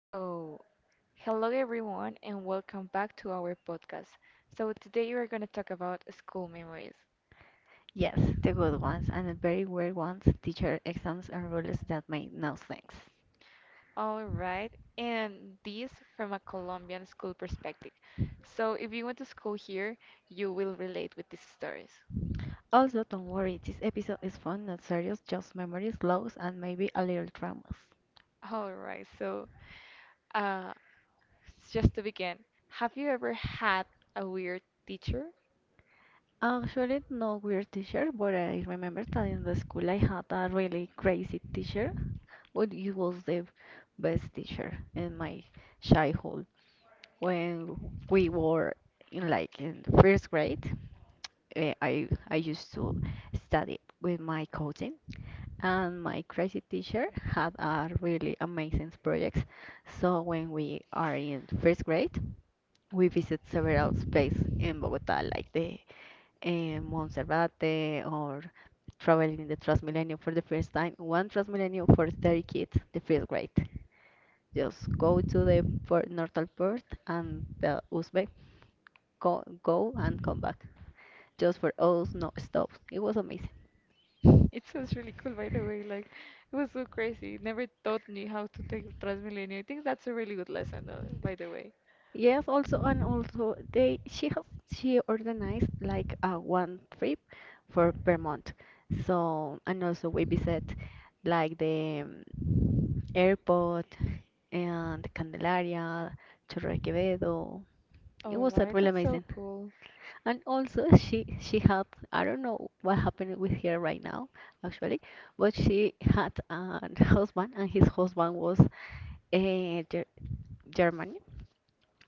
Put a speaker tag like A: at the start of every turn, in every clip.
A: So, hello everyone, and welcome back to our podcast. So, today we're going to talk about school memories.
B: Yes, the good ones and the very weird ones, teacher exams and rules that make no sense.
A: All right, and this from a Colombian school perspective. So, if you went to school here, you will relate with these stories.
B: Also, don't worry, this episode is fun, not serious, just memories, lows, and maybe a little traumas.
A: All right, so uh, just to begin, have you ever had a weird teacher?
B: Actually, no weird teacher, but I remember that in the school I had a really crazy teacher, but he was the best teacher in my childhood. When we were in like in first grade, I used to study with my cousin and my crazy teacher had a really amazing projects. So when we are in first grade, we visit several places in Bogota, like the Monserrate or traveling the Transmilenio for the first time. One Transmilenio for 30 kids, the first grade. Just go to the port, Nortal port and the Uzbek, go and come back. Just for us, no stop. It was amazing.
A: It sounds really cool, by the way. Like, it was so crazy. It never taught me how to take Transmilenio. I think that's a really good lesson, though, by the way.
B: Yes, also and also they she has she organized like a one trip for per month. So and also we visit like the airport and Candelaria, Torre Quevedo. It
A: All
B: was
A: right,
B: really
A: that's so
B: amazing.
A: cool.
B: And also she had I don't know what happened with her right now actually, but she had a husband and his husband was uh, Ger German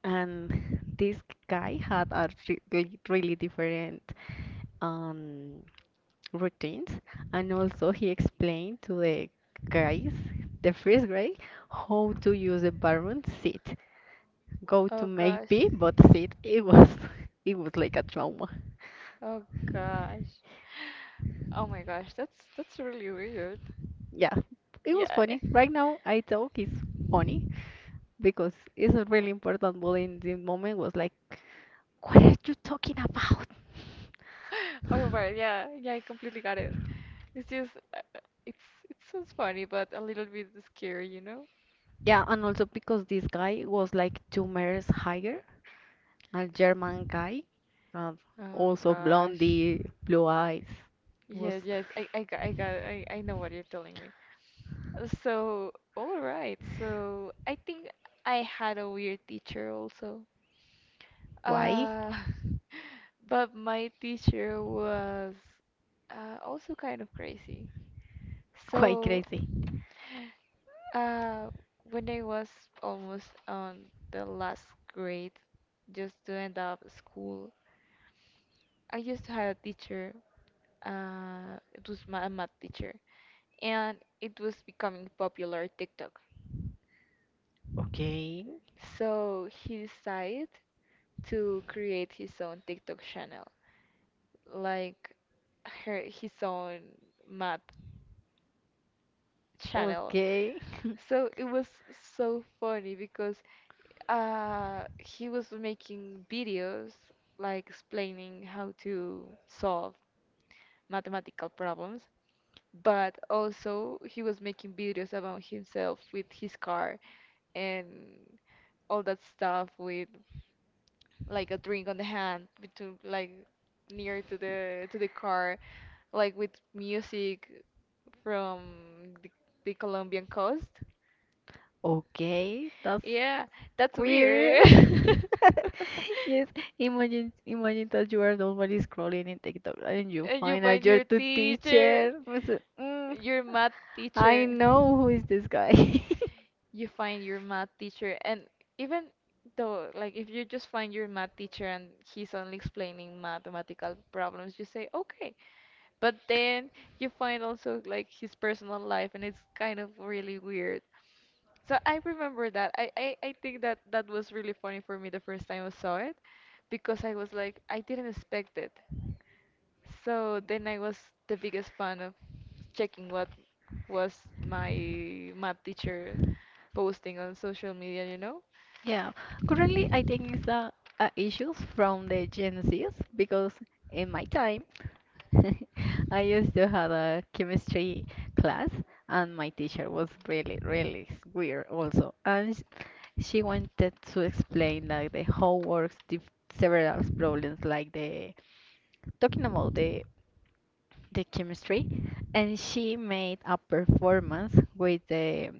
B: and this guy had a really really different um, routines and also he explained to the guys the first grade how to use the bathroom seat go to
A: Oh
B: make
A: gosh.
B: pee but sit it was it was like a trauma.
A: Oh gosh. Oh my gosh, that's really weird.
B: Yeah, it was
A: Yeah.
B: funny right now I talk is funny because it's a really important but in the moment was like what are you talking about?
A: Oh right, yeah, yeah, I completely got it. It's just, it's it sounds funny, but a little bit scary, you know?
B: Yeah and also because this guy was like 2 meters higher, a German guy, uh,
A: Oh
B: also
A: gosh.
B: blondie, blue eyes. It was
A: Yeah, yeah, I got, I got, I know what you're telling me. So, all right. So, I think I had a weird teacher also.
B: quite,
A: Uh, But my teacher was also kind of crazy.
B: quite
A: So,
B: crazy.
A: uh, when I was almost on the last grade, just to end up school, I used to have a teacher. It was my a math teacher, and it was becoming popular TikTok.
B: Okay,
A: So he decided to create his own TikTok channel, like her his own math channel.
B: okay,
A: So it was so funny because he was making videos like explaining how to solve mathematical problems, but also he was making videos about himself with his car and all that stuff with like a drink on the hand between like near to the car like with music from the, the Colombian coast.
B: okay, that's
A: Yeah, that's
B: queer.
A: weird.
B: Yes, imagine that you are normally scrolling in TikTok and you
A: And you
B: find
A: find
B: out your
A: your
B: two
A: teacher,
B: teacher. Was it,
A: your math
B: I
A: teacher.
B: know who is this guy.
A: You find your math teacher, and even though, like, if you just find your math teacher and he's only explaining mathematical problems, you say, okay. But then you find also, like, his personal life, and it's kind of really weird. So I remember that. I think that that was really funny for me the first time I saw it because I was like, I didn't expect it. So then I was the biggest fan of checking what was my math teacher posting on social media, you know?
B: Yeah, currently I think it's issues from the Gen Zs because in my time I used to have a chemistry class and my teacher was really really weird also and she wanted to explain like the whole works several problems like the talking about the chemistry and she made a performance with the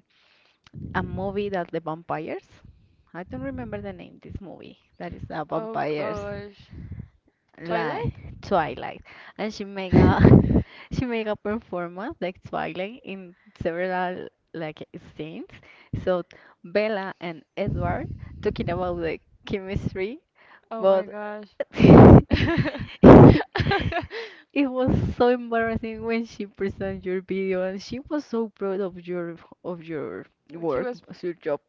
B: a movie that the vampires. I don't remember the name. This movie that is the
A: Oh
B: vampires,
A: gosh.
B: like
A: Twilight?
B: Twilight, and she make a she make a performance like Twilight in several like scenes. So Bella and Edward talking about the chemistry,
A: Oh my
B: but
A: gosh.
B: it was so embarrassing when she presented your video, and she was so proud of your
A: She
B: work,
A: was
B: of your job,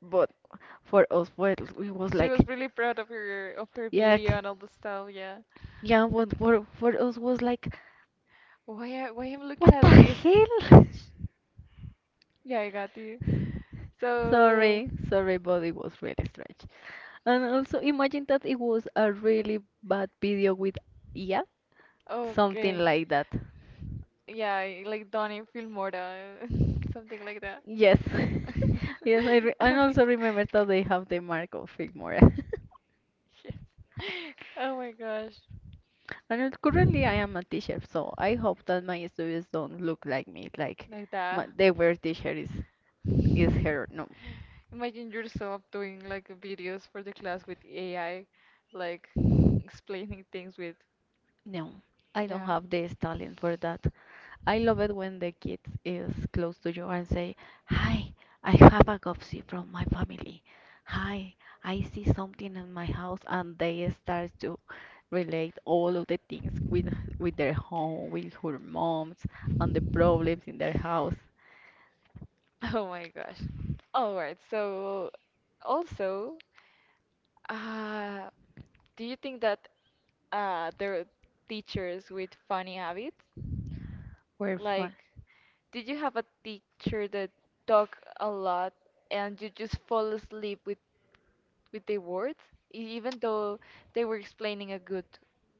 B: for us. Well, it was
A: she
B: like,
A: was really proud of her
B: yeah,
A: video and all the stuff, yeah.
B: yeah, but for us was like,
A: Why, why I'm looking
B: what the
A: at this?
B: hell?
A: Yeah, I got you. So,
B: Sorry, but it was really strange. And also imagine that it was a really bad video with yeah, something
A: okay.
B: like that.
A: Yeah, I- like Donnie Filmora, something like that.
B: Yes, yes, I and
A: Yes.
B: also remember that they have the mark of Filmora.
A: Oh my gosh,
B: And currently, I am a teacher, so I hope that my students don't look like me, like
A: like that.
B: my, they were teacher is her. No,
A: Imagine yourself doing like videos for the class with AI, like explaining things with.
B: no, I don't
A: Yeah.
B: have the talent for that. I love it when the kids is close to you and say, "Hi, I have a gossip from my family. Hi, I see something in my house," and they start to relate all of the things with their home, with her moms, and the problems in their house.
A: Oh my gosh. All right. So also, uh, do you think that there are teachers with funny habits?
B: Were fun.
A: Like, did you have a teacher that talk a lot and you just fall asleep with the words, even though they were explaining a good,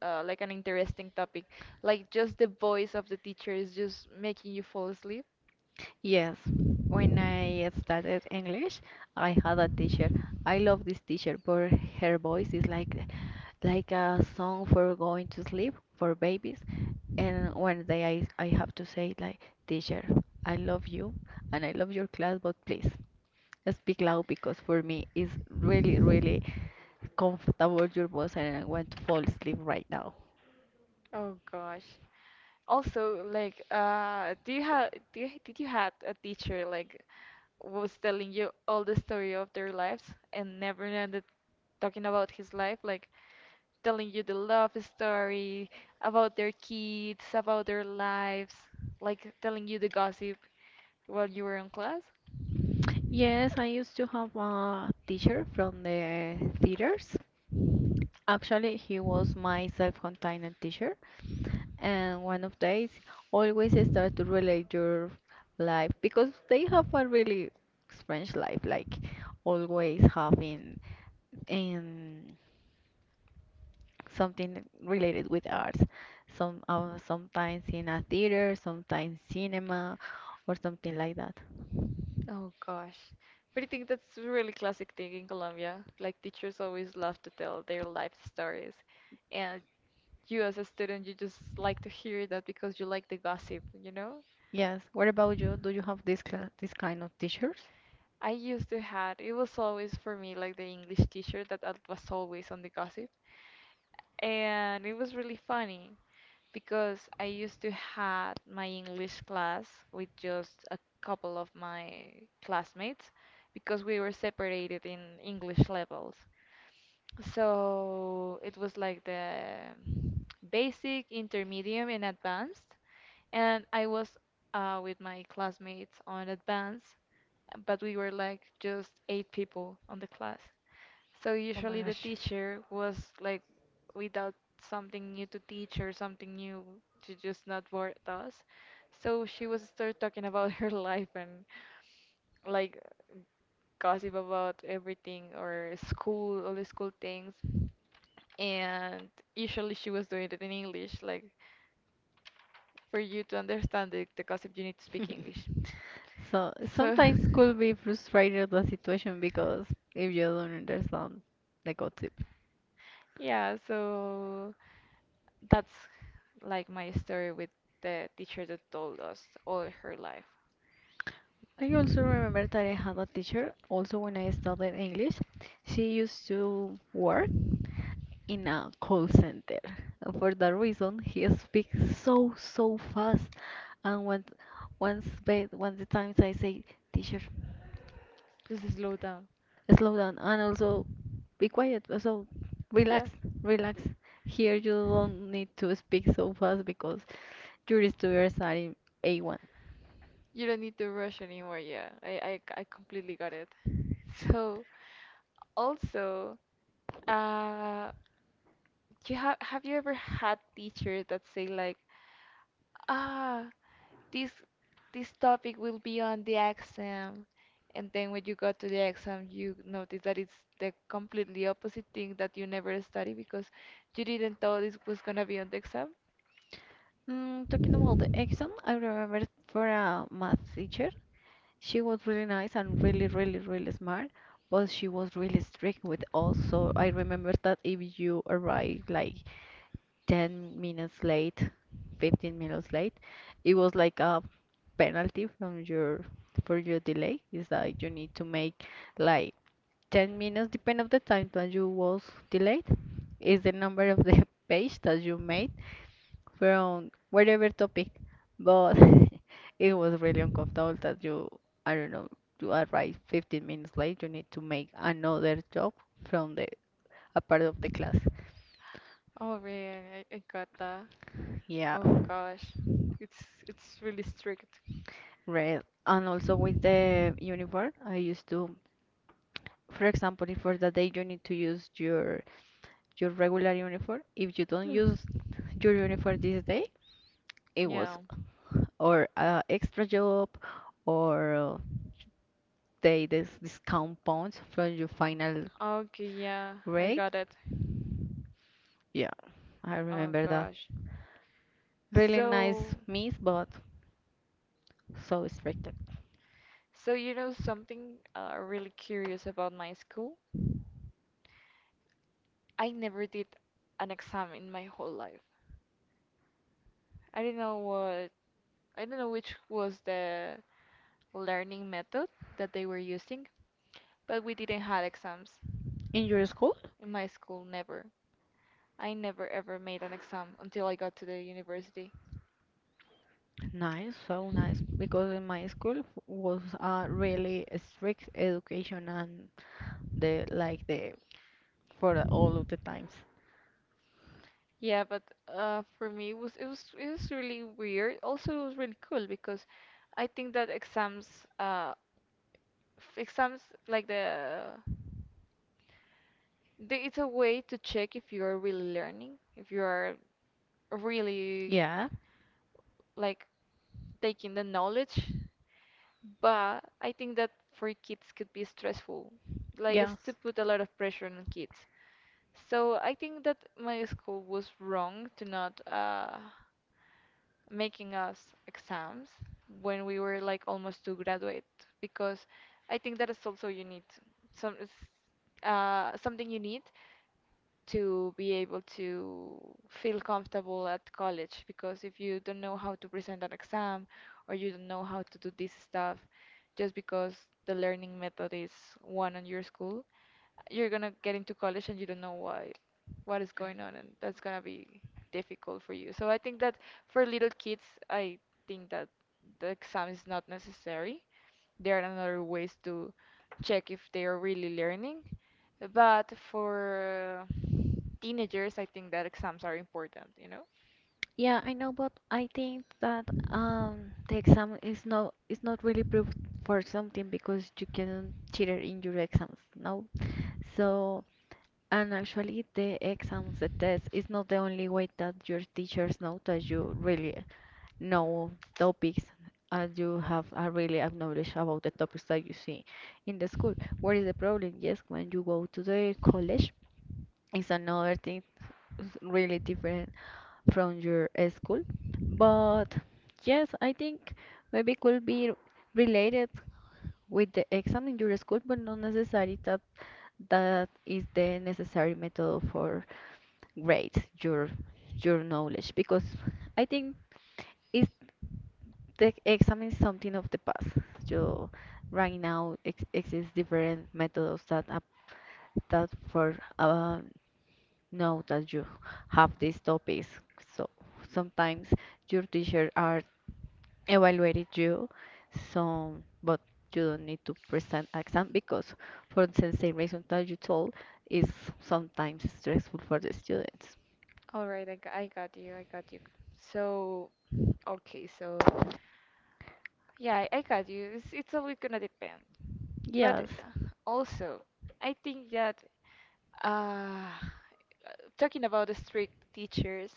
A: like an interesting topic? Like just the voice of the teacher is just making you fall asleep?
B: Yes, when I studied English, I had a teacher. I love this teacher, but her voice is like a song for going to sleep for babies. And one day I have to say like, teacher, I love you and I love your class, but please speak loud because for me it's really really comfortable your voice and I want to fall asleep right now.
A: Oh gosh. Also, like, do you have did you had a teacher like was telling you all the story of their lives and never ended talking about his life, like telling you the love story about their kids, about their lives, like telling you the gossip while you were in class?
B: Yes, I used to have a teacher from the theaters. Actually, he was my self-contained teacher, and one of days always start to relate your life because they have a really strange life, like always having in something related with arts. Some sometimes in a theater, sometimes cinema, or something like that.
A: Oh gosh. But I think that's a really classic thing in Colombia. Like teachers always love to tell their life stories. And you as a student you just like to hear that because you like the gossip, you know.
B: Yes. What about you? Do you have this cla this kind of teachers?
A: I used to had. It was always for me like the English teacher that I was always on the gossip, and it was really funny because I used to had my English class with just a couple of my classmates because we were separated in English levels, so it was like the basic, intermediate and advanced. And I was with my classmates on advance, but we were like just 8 people on the class. So
B: Oh my
A: usually the
B: gosh.
A: teacher was like without something new to teach or something new to just not bore us. So she was start talking about her life and like gossip about everything or school, all the school things. And usually she was doing it in English, like for you to understand the gossip you need to speak English.
B: So
A: So,
B: sometimes could be frustrated the situation because if you don't understand the gossip.
A: yeah, so that's like my story with the teacher that told us all her life.
B: I also remember that I had a teacher also when I studied English. She used to work in a call center. And for that reason he speaks so so fast and when once once the times I say teacher
A: Just slow down.
B: slow down and also be quiet so
A: Yeah,
B: relax relax here you don't need to speak so fast because Juris Studio Study A1.
A: you don't need to rush anymore. Yeah, I completely got it. So, also, uh, you have you ever had teachers that say like, ah, this this topic will be on the exam and then when you go to the exam you notice that it's the completely opposite thing that you never study because you didn't thought this was gonna be on the exam.
B: Mm, talking about the exam, I remember for a math teacher, she was really nice and really, really, really smart, but she was really strict with us. So I remember that if you arrived like 10 minutes late, 15 minutes late, it was like a penalty from your for your delay. It's like you need to make like 10 minutes, depend of the time that you was delayed, is the number of the page that you made from whatever topic, but it was really uncomfortable that you, I don't know, you arrive 15 minutes late, you need to make another job from the a part of the class.
A: Oh man, I got that.
B: Yeah,
A: Oh gosh, it's really strict.
B: red. And also with the uniform, I used to, for example, if for the day you need to use your regular uniform, if you don't use your uniform this day, it
A: Yeah.
B: was or a extra job or. Take this discount points from your final
A: Okay, yeah, I
B: grade.
A: got it.
B: Yeah, I
A: Oh
B: remember that.
A: gosh.
B: Really nice
A: So,
B: miss, but so strict.
A: so you know something really curious about my school? I never did an exam in my whole life. I don't know what I don't know which was the learning method that they were using, but we didn't have exams
B: In your school?
A: in my school never. I never ever made an exam until I got to the university.
B: Nice, so nice. Because in my school was a really strict education and the like the for all of the times.
A: Yeah, but for me it was it was really weird. Also, it was really cool because I think that exams uh exams like the it's a way to check if you're really learning, if you are really
B: Yeah.
A: like taking the knowledge, but I think that for kids could be stressful, like it's to
B: Yes.
A: put a lot of pressure on kids. So I think that my school was wrong to not making us exams when we were like almost to graduate because I think that is also you need some something you need to be able to feel comfortable at college because if you don't know how to present an exam or you don't know how to do this stuff just because the learning method is one on your school, you're gonna get into college and you don't know why what is going on, and that's gonna be difficult for you. So I think that for little kids I think that the exam is not necessary. There are another ways to check if they are really learning, but for teenagers, I think that exams are important, you know?
B: Yeah, I know, but I think that the exam is not really proof for something because you can cheat in your exams, no? So and actually, the exams, the test is not the only way that your teachers know that you really know topics and you have a really a knowledge about the topics that you see in the school. What is the problem? Yes, when you go to the college, it's another thing really different from your school. But yes, I think maybe could be related with the exam in your school, but not necessarily that that is the necessary method for great your knowledge because I think it's the exam is something of the past. So right now ex exists different methods that for know that you have these topics. So sometimes your teacher are evaluated you, some but you don't need to present exam because for the same reason that you told is sometimes stressful for the students.
A: All right, I got you, I got you. So, okay, so yeah, I got you. It's always gonna depend. But
B: Yes.
A: also, I think that uh, talking about the strict teachers,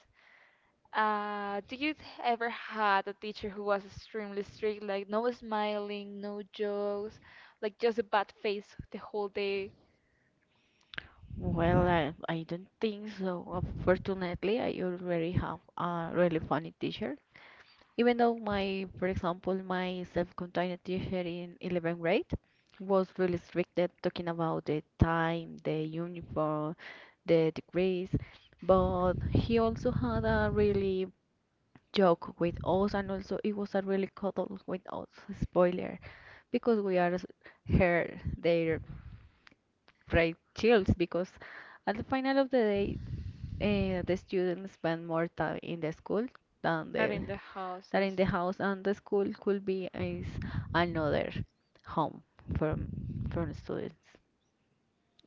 A: do you ever had a teacher who was extremely strict, like no smiling, no jokes, like just a bad face the whole day?
B: Well, I don't think so. Unfortunately, I already have a really funny teacher. Even though my, for example, my self-contained teacher in 11th grade was really strict at talking about the time, the uniform, the degrees, but he also had a really joke with us and also it was a really cuddle with us, spoiler, because we are her, their pride chills because at the final of the day the students spend more time in the school than the
A: Not in the
B: than
A: houses?
B: in the house, and the school could be is another home from from students.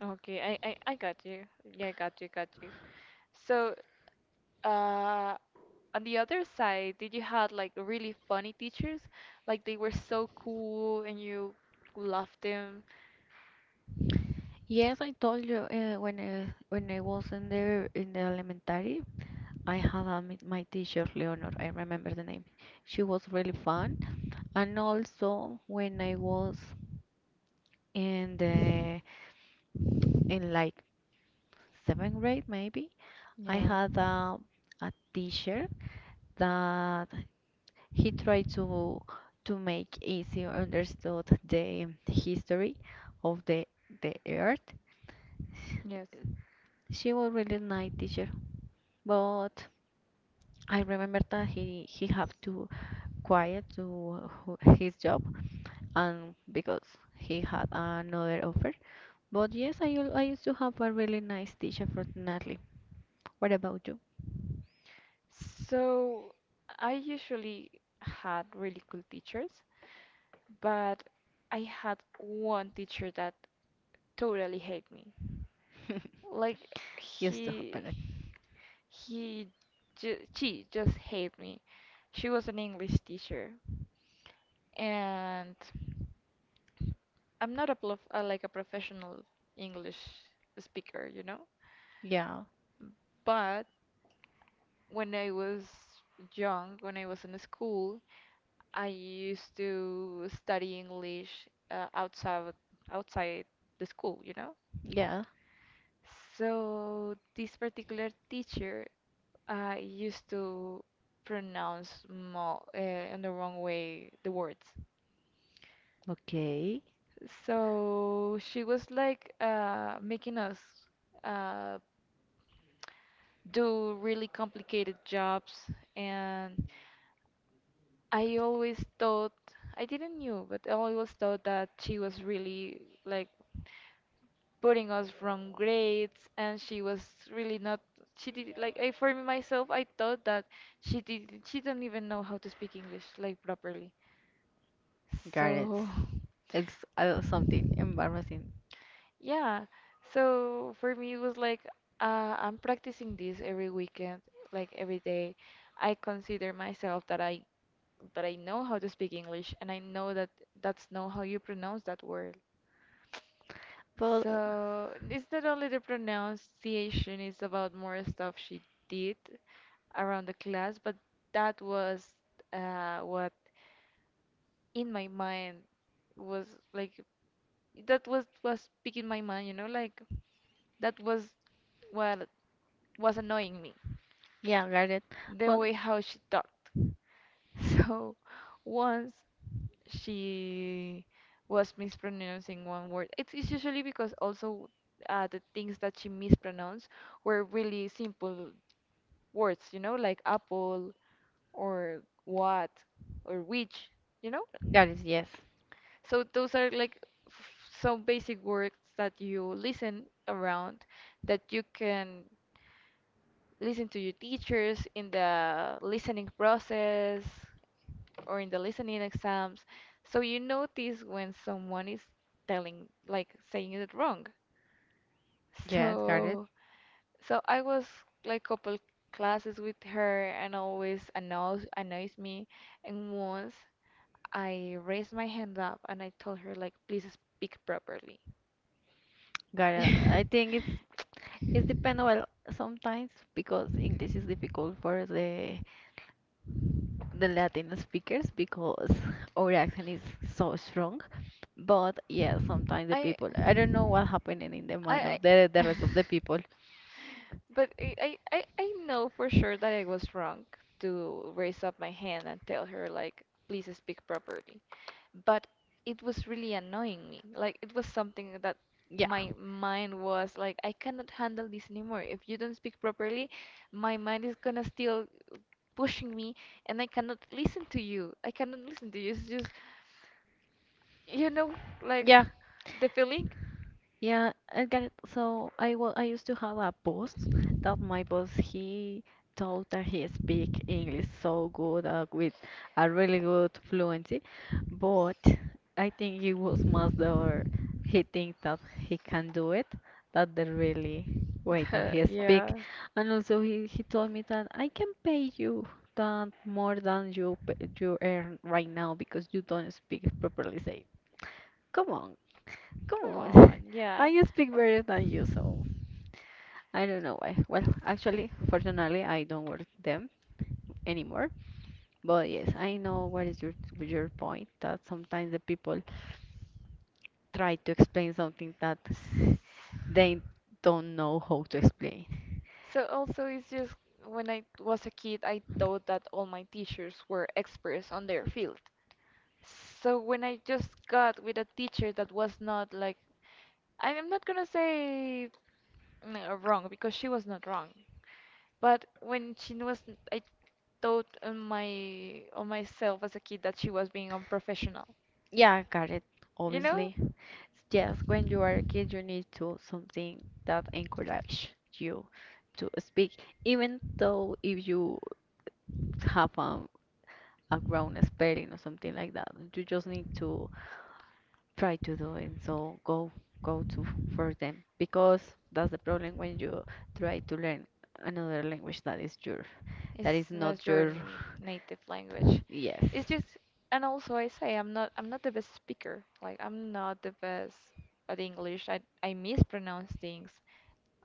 A: Okay, I got you. Yeah, I got you, got you. So, uh, on the other side, did you had like really funny teachers? Like they were so cool and you loved them?
B: Yes, I told you when I was in the elementary, I had a, my teacher Leonor. I remember the name. She was really fun, and also when I was in the in like seventh grade maybe, I
A: Yeah.
B: had a teacher that he tried to make easy understood the history of the earth.
A: Yes.
B: She was really nice teacher, but I remember that he have to quiet to his job and because he had another offer. But yes, I I used to have a really nice teacher for Natalie. What about you?
A: So, I usually had really cool teachers, but I had one teacher that totally hate me. Like
B: Used to happen it.
A: he ju She just hated me. She was an English teacher, and I'm not a prof like a professional English speaker, you know.
B: Yeah,
A: But when I was young, when I was in school, I used to study English outside outside the school, you know.
B: yeah.
A: So this particular teacher used to pronounce mo in the wrong way the words.
B: Okay.
A: So she was like making us uh, do really complicated jobs, and I always thought I didn't knew, but I always thought that she was really like putting us from grades, and she was really not. She did like I for myself. I thought that she did. She don't even know how to speak English like properly.
B: Got it.
A: So.
B: It's something embarrassing
A: Yeah, so for me it was like I'm practicing this every weekend, like every day. I consider myself that I know how to speak English and I know that that's not how you pronounce that word.
B: but
A: So it's not only the pronunciation, it's about more stuff she did around the class, but that was what in my mind was like that was picking my mind, you know, like that was what was annoying me
B: yeah, got it.
A: the
B: But
A: way how she talked. So once she was mispronouncing one word. It's usually because also the things that she mispronounced were really simple words, you know, like apple or what or which, you know?
B: got it. Yes,
A: So those are like f- some basic words that you listen around that you can listen to your teachers in the listening process or in the listening exams. So you notice when someone is telling, like saying it wrong.
B: yes, got it.
A: So, so I was like couple classes with her and always annoys me. And once I raised my hand up and I told her, like, please speak properly.
B: Got it. I think it's dependable sometimes because English is difficult for the Latin speakers because our accent is so strong. But yeah, sometimes the
A: I,
B: people I don't know what happening in the mind
A: I,
B: of the
A: I
B: rest of the people.
A: But I know for sure that I was wrong to raise up my hand and tell her, like, please speak properly. But it was really annoying me. Like, it was something that
B: Yeah,
A: my mind was like, I cannot handle this anymore. If you don't speak properly, my mind is gonna still pushing me and I cannot listen to you. I cannot listen to you. It's just, you know, like,
B: Yeah,
A: yeah, the feeling.
B: Yeah, I got it. So I used to have a boss that my boss he thought that he speak English so good, with a really good fluency, but I think it was more the he think that he can do it that the really way that he speak.
A: Yeah.
B: And also he told me that I can pay you that more than you earn right now because you don't speak properly. Say, come on, come
A: Come on,
B: on.
A: yeah.
B: I speak better than you, so I don't know why. Well, actually, fortunately, I don't work them anymore. But yes, I know what is your point, that sometimes the people try to explain something that they don't know how to explain.
A: So also it's just when I was a kid, I thought that all my teachers were experts on their field. So when I just got with a teacher that was not, like, I'm not gonna say wrong because she was not wrong, but when she was, I thought on myself as a kid that she was being unprofessional,
B: Yeah, I got it.
A: you know?
B: Obviously, yes, when you are a kid, you need to something that encourage you to speak, even though if you have a ground spelling or something like that. You just need to try to do it. So go to for them, because that's the problem when you try to learn another language, that is your, that is
A: It's not
B: not
A: your
B: your,
A: native language.
B: yes.
A: It's just, and also I say I'm not the best speaker. Like, I'm not the best at English. I mispronounce things.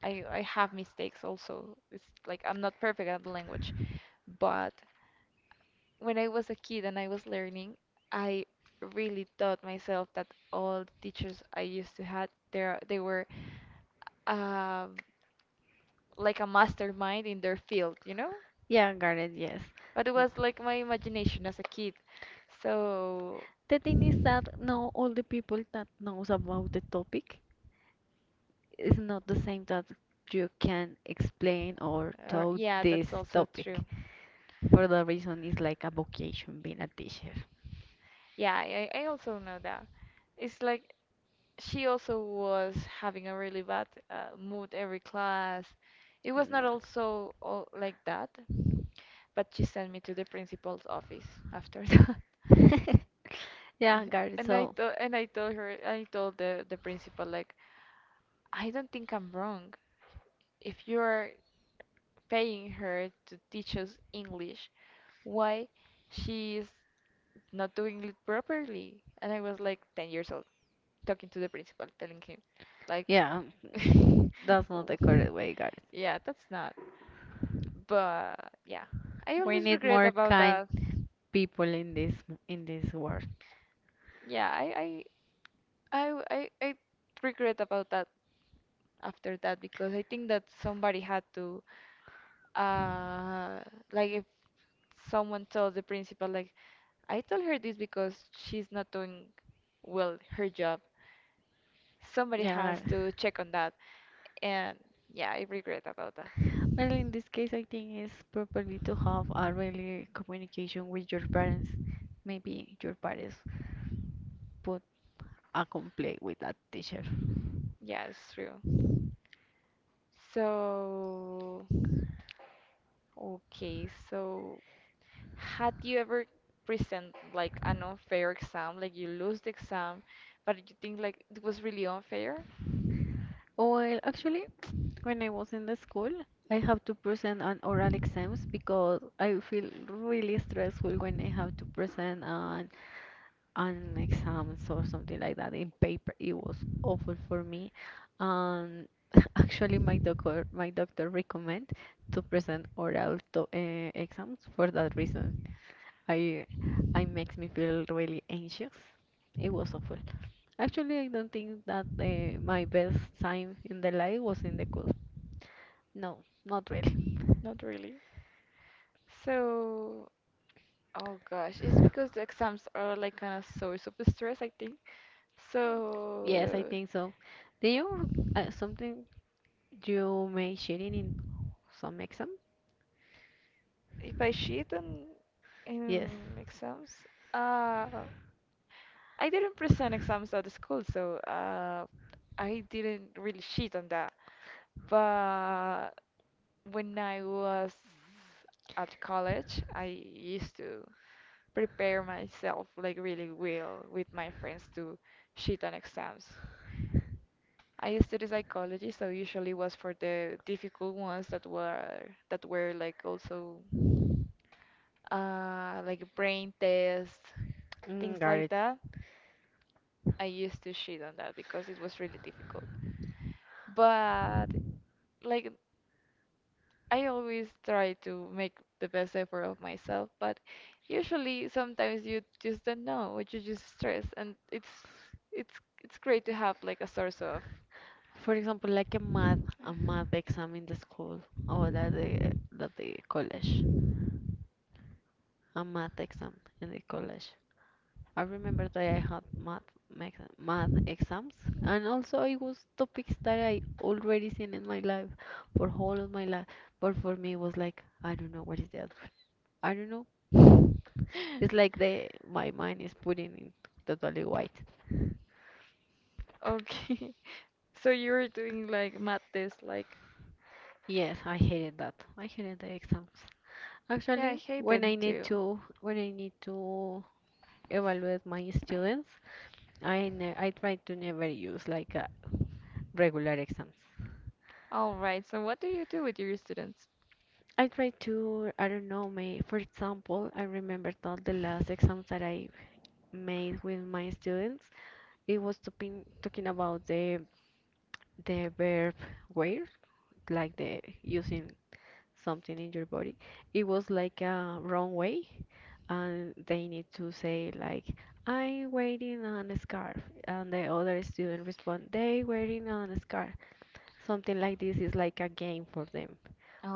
A: I have mistakes also. It's like I'm not perfect at the language. But when I was a kid and I was learning, I really taught myself that all the teachers I used to had there they were um like a mastermind in their field, you know?
B: Yeah, Garrett, yes.
A: But it was like my imagination as a kid. So,
B: The thing is that no all the people that knows about the topic is not the same that you can explain or
A: or,
B: talk
A: yeah,
B: this
A: that's also true.
B: topic. For the reason it's like a vocation being a teacher.
A: Yeah, I also know that. It's like she also was having a really bad mood every class. It was not
B: No.
A: also all like that, but she sent me to the principal's office after that.
B: Yeah, Garth, so
A: And I told her I told the principal, like, I don't think I'm wrong. If you're paying her to teach us English, why she's not doing it properly. And I was like 10 years old, talking to the principal, telling him, like,
B: yeah,
A: w-
B: that's not the correct way, Garth.
A: yeah, that's not. But yeah, I
B: We
A: always
B: need
A: regret
B: more
A: about
B: kind
A: that.
B: people in this world.
A: Yeah, I regret about that after that because I think that somebody had to, uh, like, if someone tells the principal, like, I told her this because she's not doing well her job. Somebody has
B: Yeah, Garth.
A: to check on that. And yeah, I regret about that.
B: Well, in this case, I think it's properly to have a really communication with your parents. Maybe your parents put a complaint with that teacher.
A: Yeah, it's true. So, okay, so had you ever present like an unfair exam, like you lose the exam, but you think like it was really unfair?
B: Well, actually, when I was in the school, I have to present on oral exams because I feel really stressful when I have to present on exams or something like that in paper. It was awful for me. Um, Actually, my doctor recommend to present oral to, exams for that reason. I I makes me feel really anxious. It was awful. Actually, I don't think that, my best time in the life was in the school. No, not really.
A: Not really. So, oh gosh, it's because the exams are like kind of source of stress, I think.
B: Yes, I
A: So,
B: think so. Do you, something you may sharing in some exam?
A: if I cheat on
B: Yes.
A: in exams, uh, I didn't present exams at the school, so I didn't really cheat on that. But when I was at college, I used to prepare myself like really well with my friends to cheat on exams. I studied psychology, so usually was for the difficult ones that were like also like brain tests, things
B: Mm, got
A: like
B: it.
A: that. I used to shit on that because it was really difficult. But, like, I always try to make the best effort of myself, but usually sometimes you just don't know, or you just stress, and it's it's great to have like a source of.
B: For example, like a math, a math exam in the school, or at the college, a math exam in the college. I remember that I had math exams, and also it was topics that I already seen in my life for whole of my life. But for me, it was like, I don't know what is that. I don't know. It's like the my mind is putting in totally white.
A: Okay, so you were doing like math tests, like,
B: Yes, I hated that. I hated the exams.
A: yeah, I
B: Actually,
A: hate
B: when
A: them
B: I need
A: too.
B: to when I need to evaluate my students, I try to never use like, regular exams.
A: All right, so what do you do with your students?
B: I try to, I don't know, may for example, I remember that the last exams that I made with my students, it was talking about the verb where, like the using something in your body. It was like a wrong way, and they need to say like, "I'm waiting on a scarf," and the other student respond, "They waiting on a scarf." Something like this is like a game for them,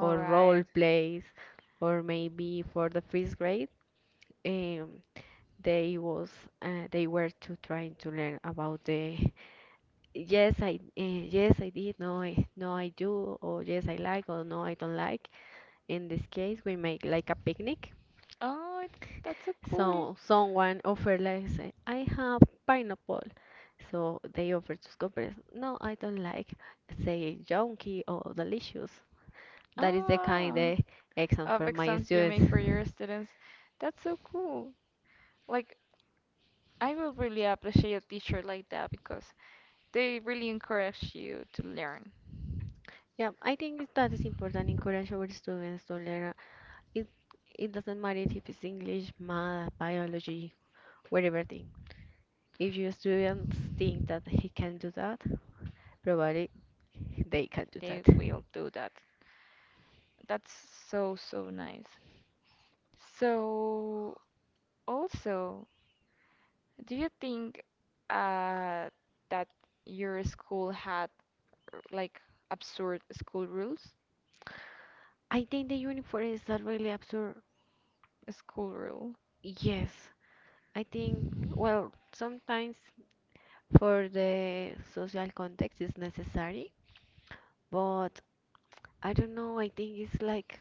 B: or role
A: right.
B: plays, or maybe for the first grade, um, they was they were to trying to learn about the yes I, yes I did, no I, no I do, or yes I like, or no I don't like. In this case, we make like a picnic.
A: Oh, that's so cool.
B: So someone offered, like, say, I have pineapple. So they offer to companies, no, I don't like, say, junky or delicious. That is the kind
A: Ah,
B: of exam
A: of
B: for my
A: exams you
B: students.
A: make for your students. That's so cool. Like, I will really appreciate a teacher like that because they really encourage you to learn.
B: Yeah, I think that is important. Encourage our students to learn. It it doesn't matter if it's English, math, biology, whatever thing. If your students think that he can do that, probably they can do
A: They
B: that.
A: will do that. That's so, so nice. So, also, do you think uh, that your school had like absurd school rules?
B: I think the uniform is a really absurd.
A: A school rule.
B: Yes, I think, well, sometimes for the social context is necessary, but I don't know, I think it's like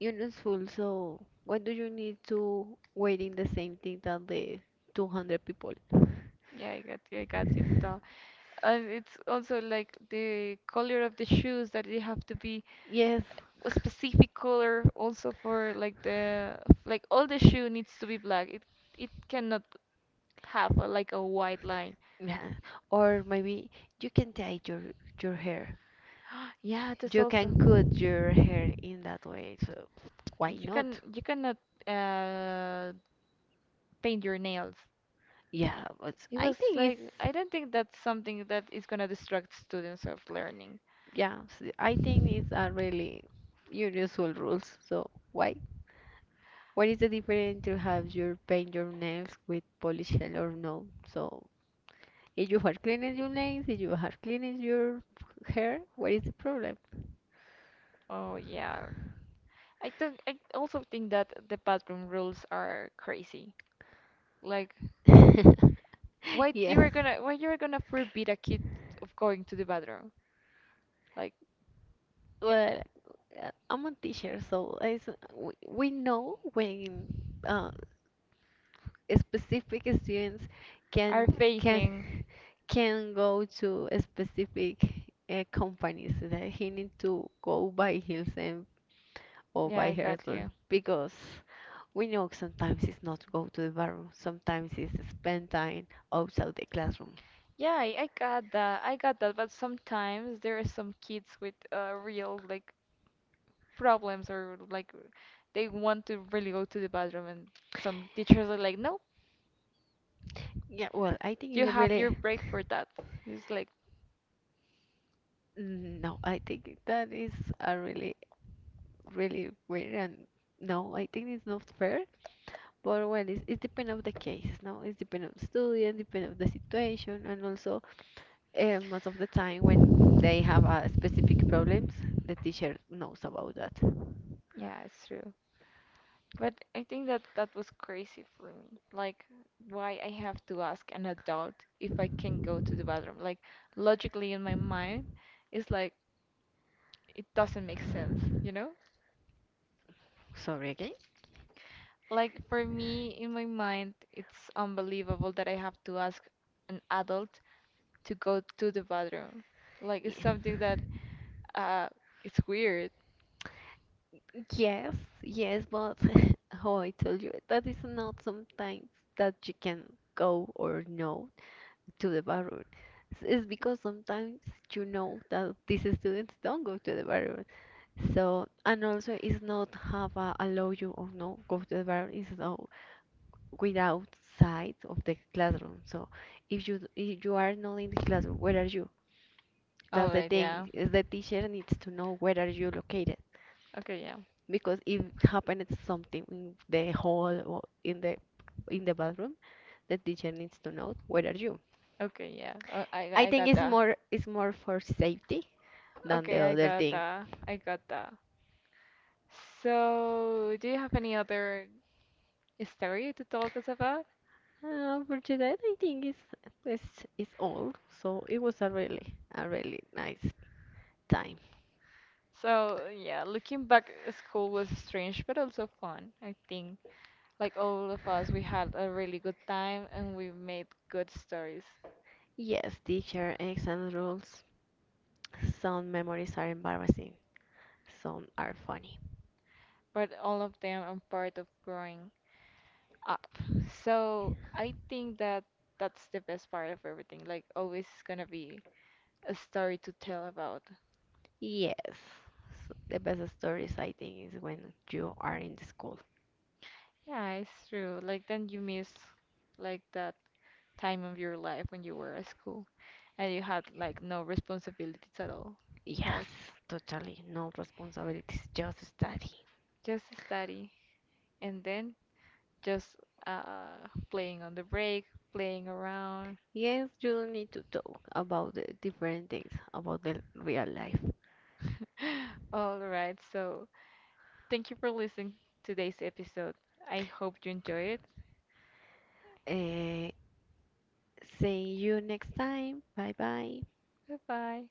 B: useful. So, what do you need to wait in the same thing that the 200 people?
A: Yeah, I got you. I got you to tell. And it's also like the color of the shoes that they have to be
B: Yes,
A: a specific color, also, for like the like all the shoe needs to be black. It cannot have a, like, a white line.
B: yeah. Or maybe you can dye your hair.
A: Yeah, that's
B: You
A: also.
B: can cut your hair in that way. So, why
A: You can
B: not?
A: you cannot uh paint your nails.
B: Yeah, but
A: It
B: I
A: was
B: think
A: like I
B: it's.
A: don't think that's something that is gonna distract students of learning.
B: Yeah, I think it's a really universal rules. So why? What is the difference to have your paint your nails with polish gel or no? So if you are cleaning your nails, if you are cleaning your hair, what is the problem?
A: Oh yeah, I don't. I also think that the bathroom rules are crazy. Like, why d-
B: Yes.
A: you are gonna, why you are gonna forbid a kid of going to the bathroom? Like,
B: Well, I'm a teacher, so we know when, uh, specific students
A: are
B: can can
A: faking?
B: can go to a specific, companies that he need to go by himself or
A: Yeah,
B: by
A: I got
B: herself,
A: you.
B: because we know sometimes it's not go to the bathroom, sometimes it's spend time outside the classroom.
A: Yeah, I got that. I got that. But sometimes there are some kids with real, like, problems or like they want to really go to the bathroom, and some teachers are like, no,
B: Yeah, well, I think
A: you
B: it's
A: have
B: really,
A: your break for that. It's like,
B: no, I think that is a really really weird and no, I think it's not fair. But well, it depends of the case, no? It depends of the student, depends of the situation, and also, most of the time, when they have, specific problems, the teacher knows about that.
A: yeah, it's true. But I think that that was crazy for me. Like, why I have to ask an adult if I can go to the bathroom? Like, logically in my mind, it's like it doesn't make sense, you know?
B: Sorry again.
A: Like, for me, in my mind, it's unbelievable that I have to ask an adult to go to the bathroom. Like it's
B: Yeah.
A: something that uh it's weird.
B: Yes, yes, but how I told you, that is not sometimes that you can go or no to the bathroom. It's because sometimes you know that these students don't go to the bathroom. So, and also it's not have a allow you or no go to the bathroom. It's no, without side of the classroom. So if you are not in the classroom, where are you?
A: All
B: That's the
A: right, yeah.
B: thing. Is, the teacher needs to know where are you located
A: Okay, yeah.
B: because if happens something in the hall or in the bathroom, the teacher needs to know where are you.
A: Okay, yeah.
B: I
A: I
B: think
A: got
B: it's
A: that.
B: more it's more for safety than the
A: Okay, I
B: other
A: got
B: thing.
A: that. I got that. So, do you have any other story to talk us about?
B: For today, I think it's, it's all. So it was a really nice time.
A: So, yeah, looking back at school was strange but also fun, I think. Like all of us, we had a really good time and we made good stories,
B: Yes, teacher, exam rules. Some memories are embarrassing, some are funny.
A: but all of them are part of growing up. So, I think that that's the best part of everything. Like, always is gonna be a story to tell about.
B: Yes, the best stories I think is when you are in the school.
A: Yeah, it's true. Like, then you miss like that time of your life when you were at school and you had like no responsibilities at all,
B: Yes,
A: like
B: totally. No responsibilities, just study.
A: just study and then just playing on the break, playing around.
B: Yes, you don't need to talk about the different things, about the real life.
A: All right, so thank you for listening to today's episode. I hope you enjoy it.
B: Eh, See you next time. Bye bye.
A: Goodbye.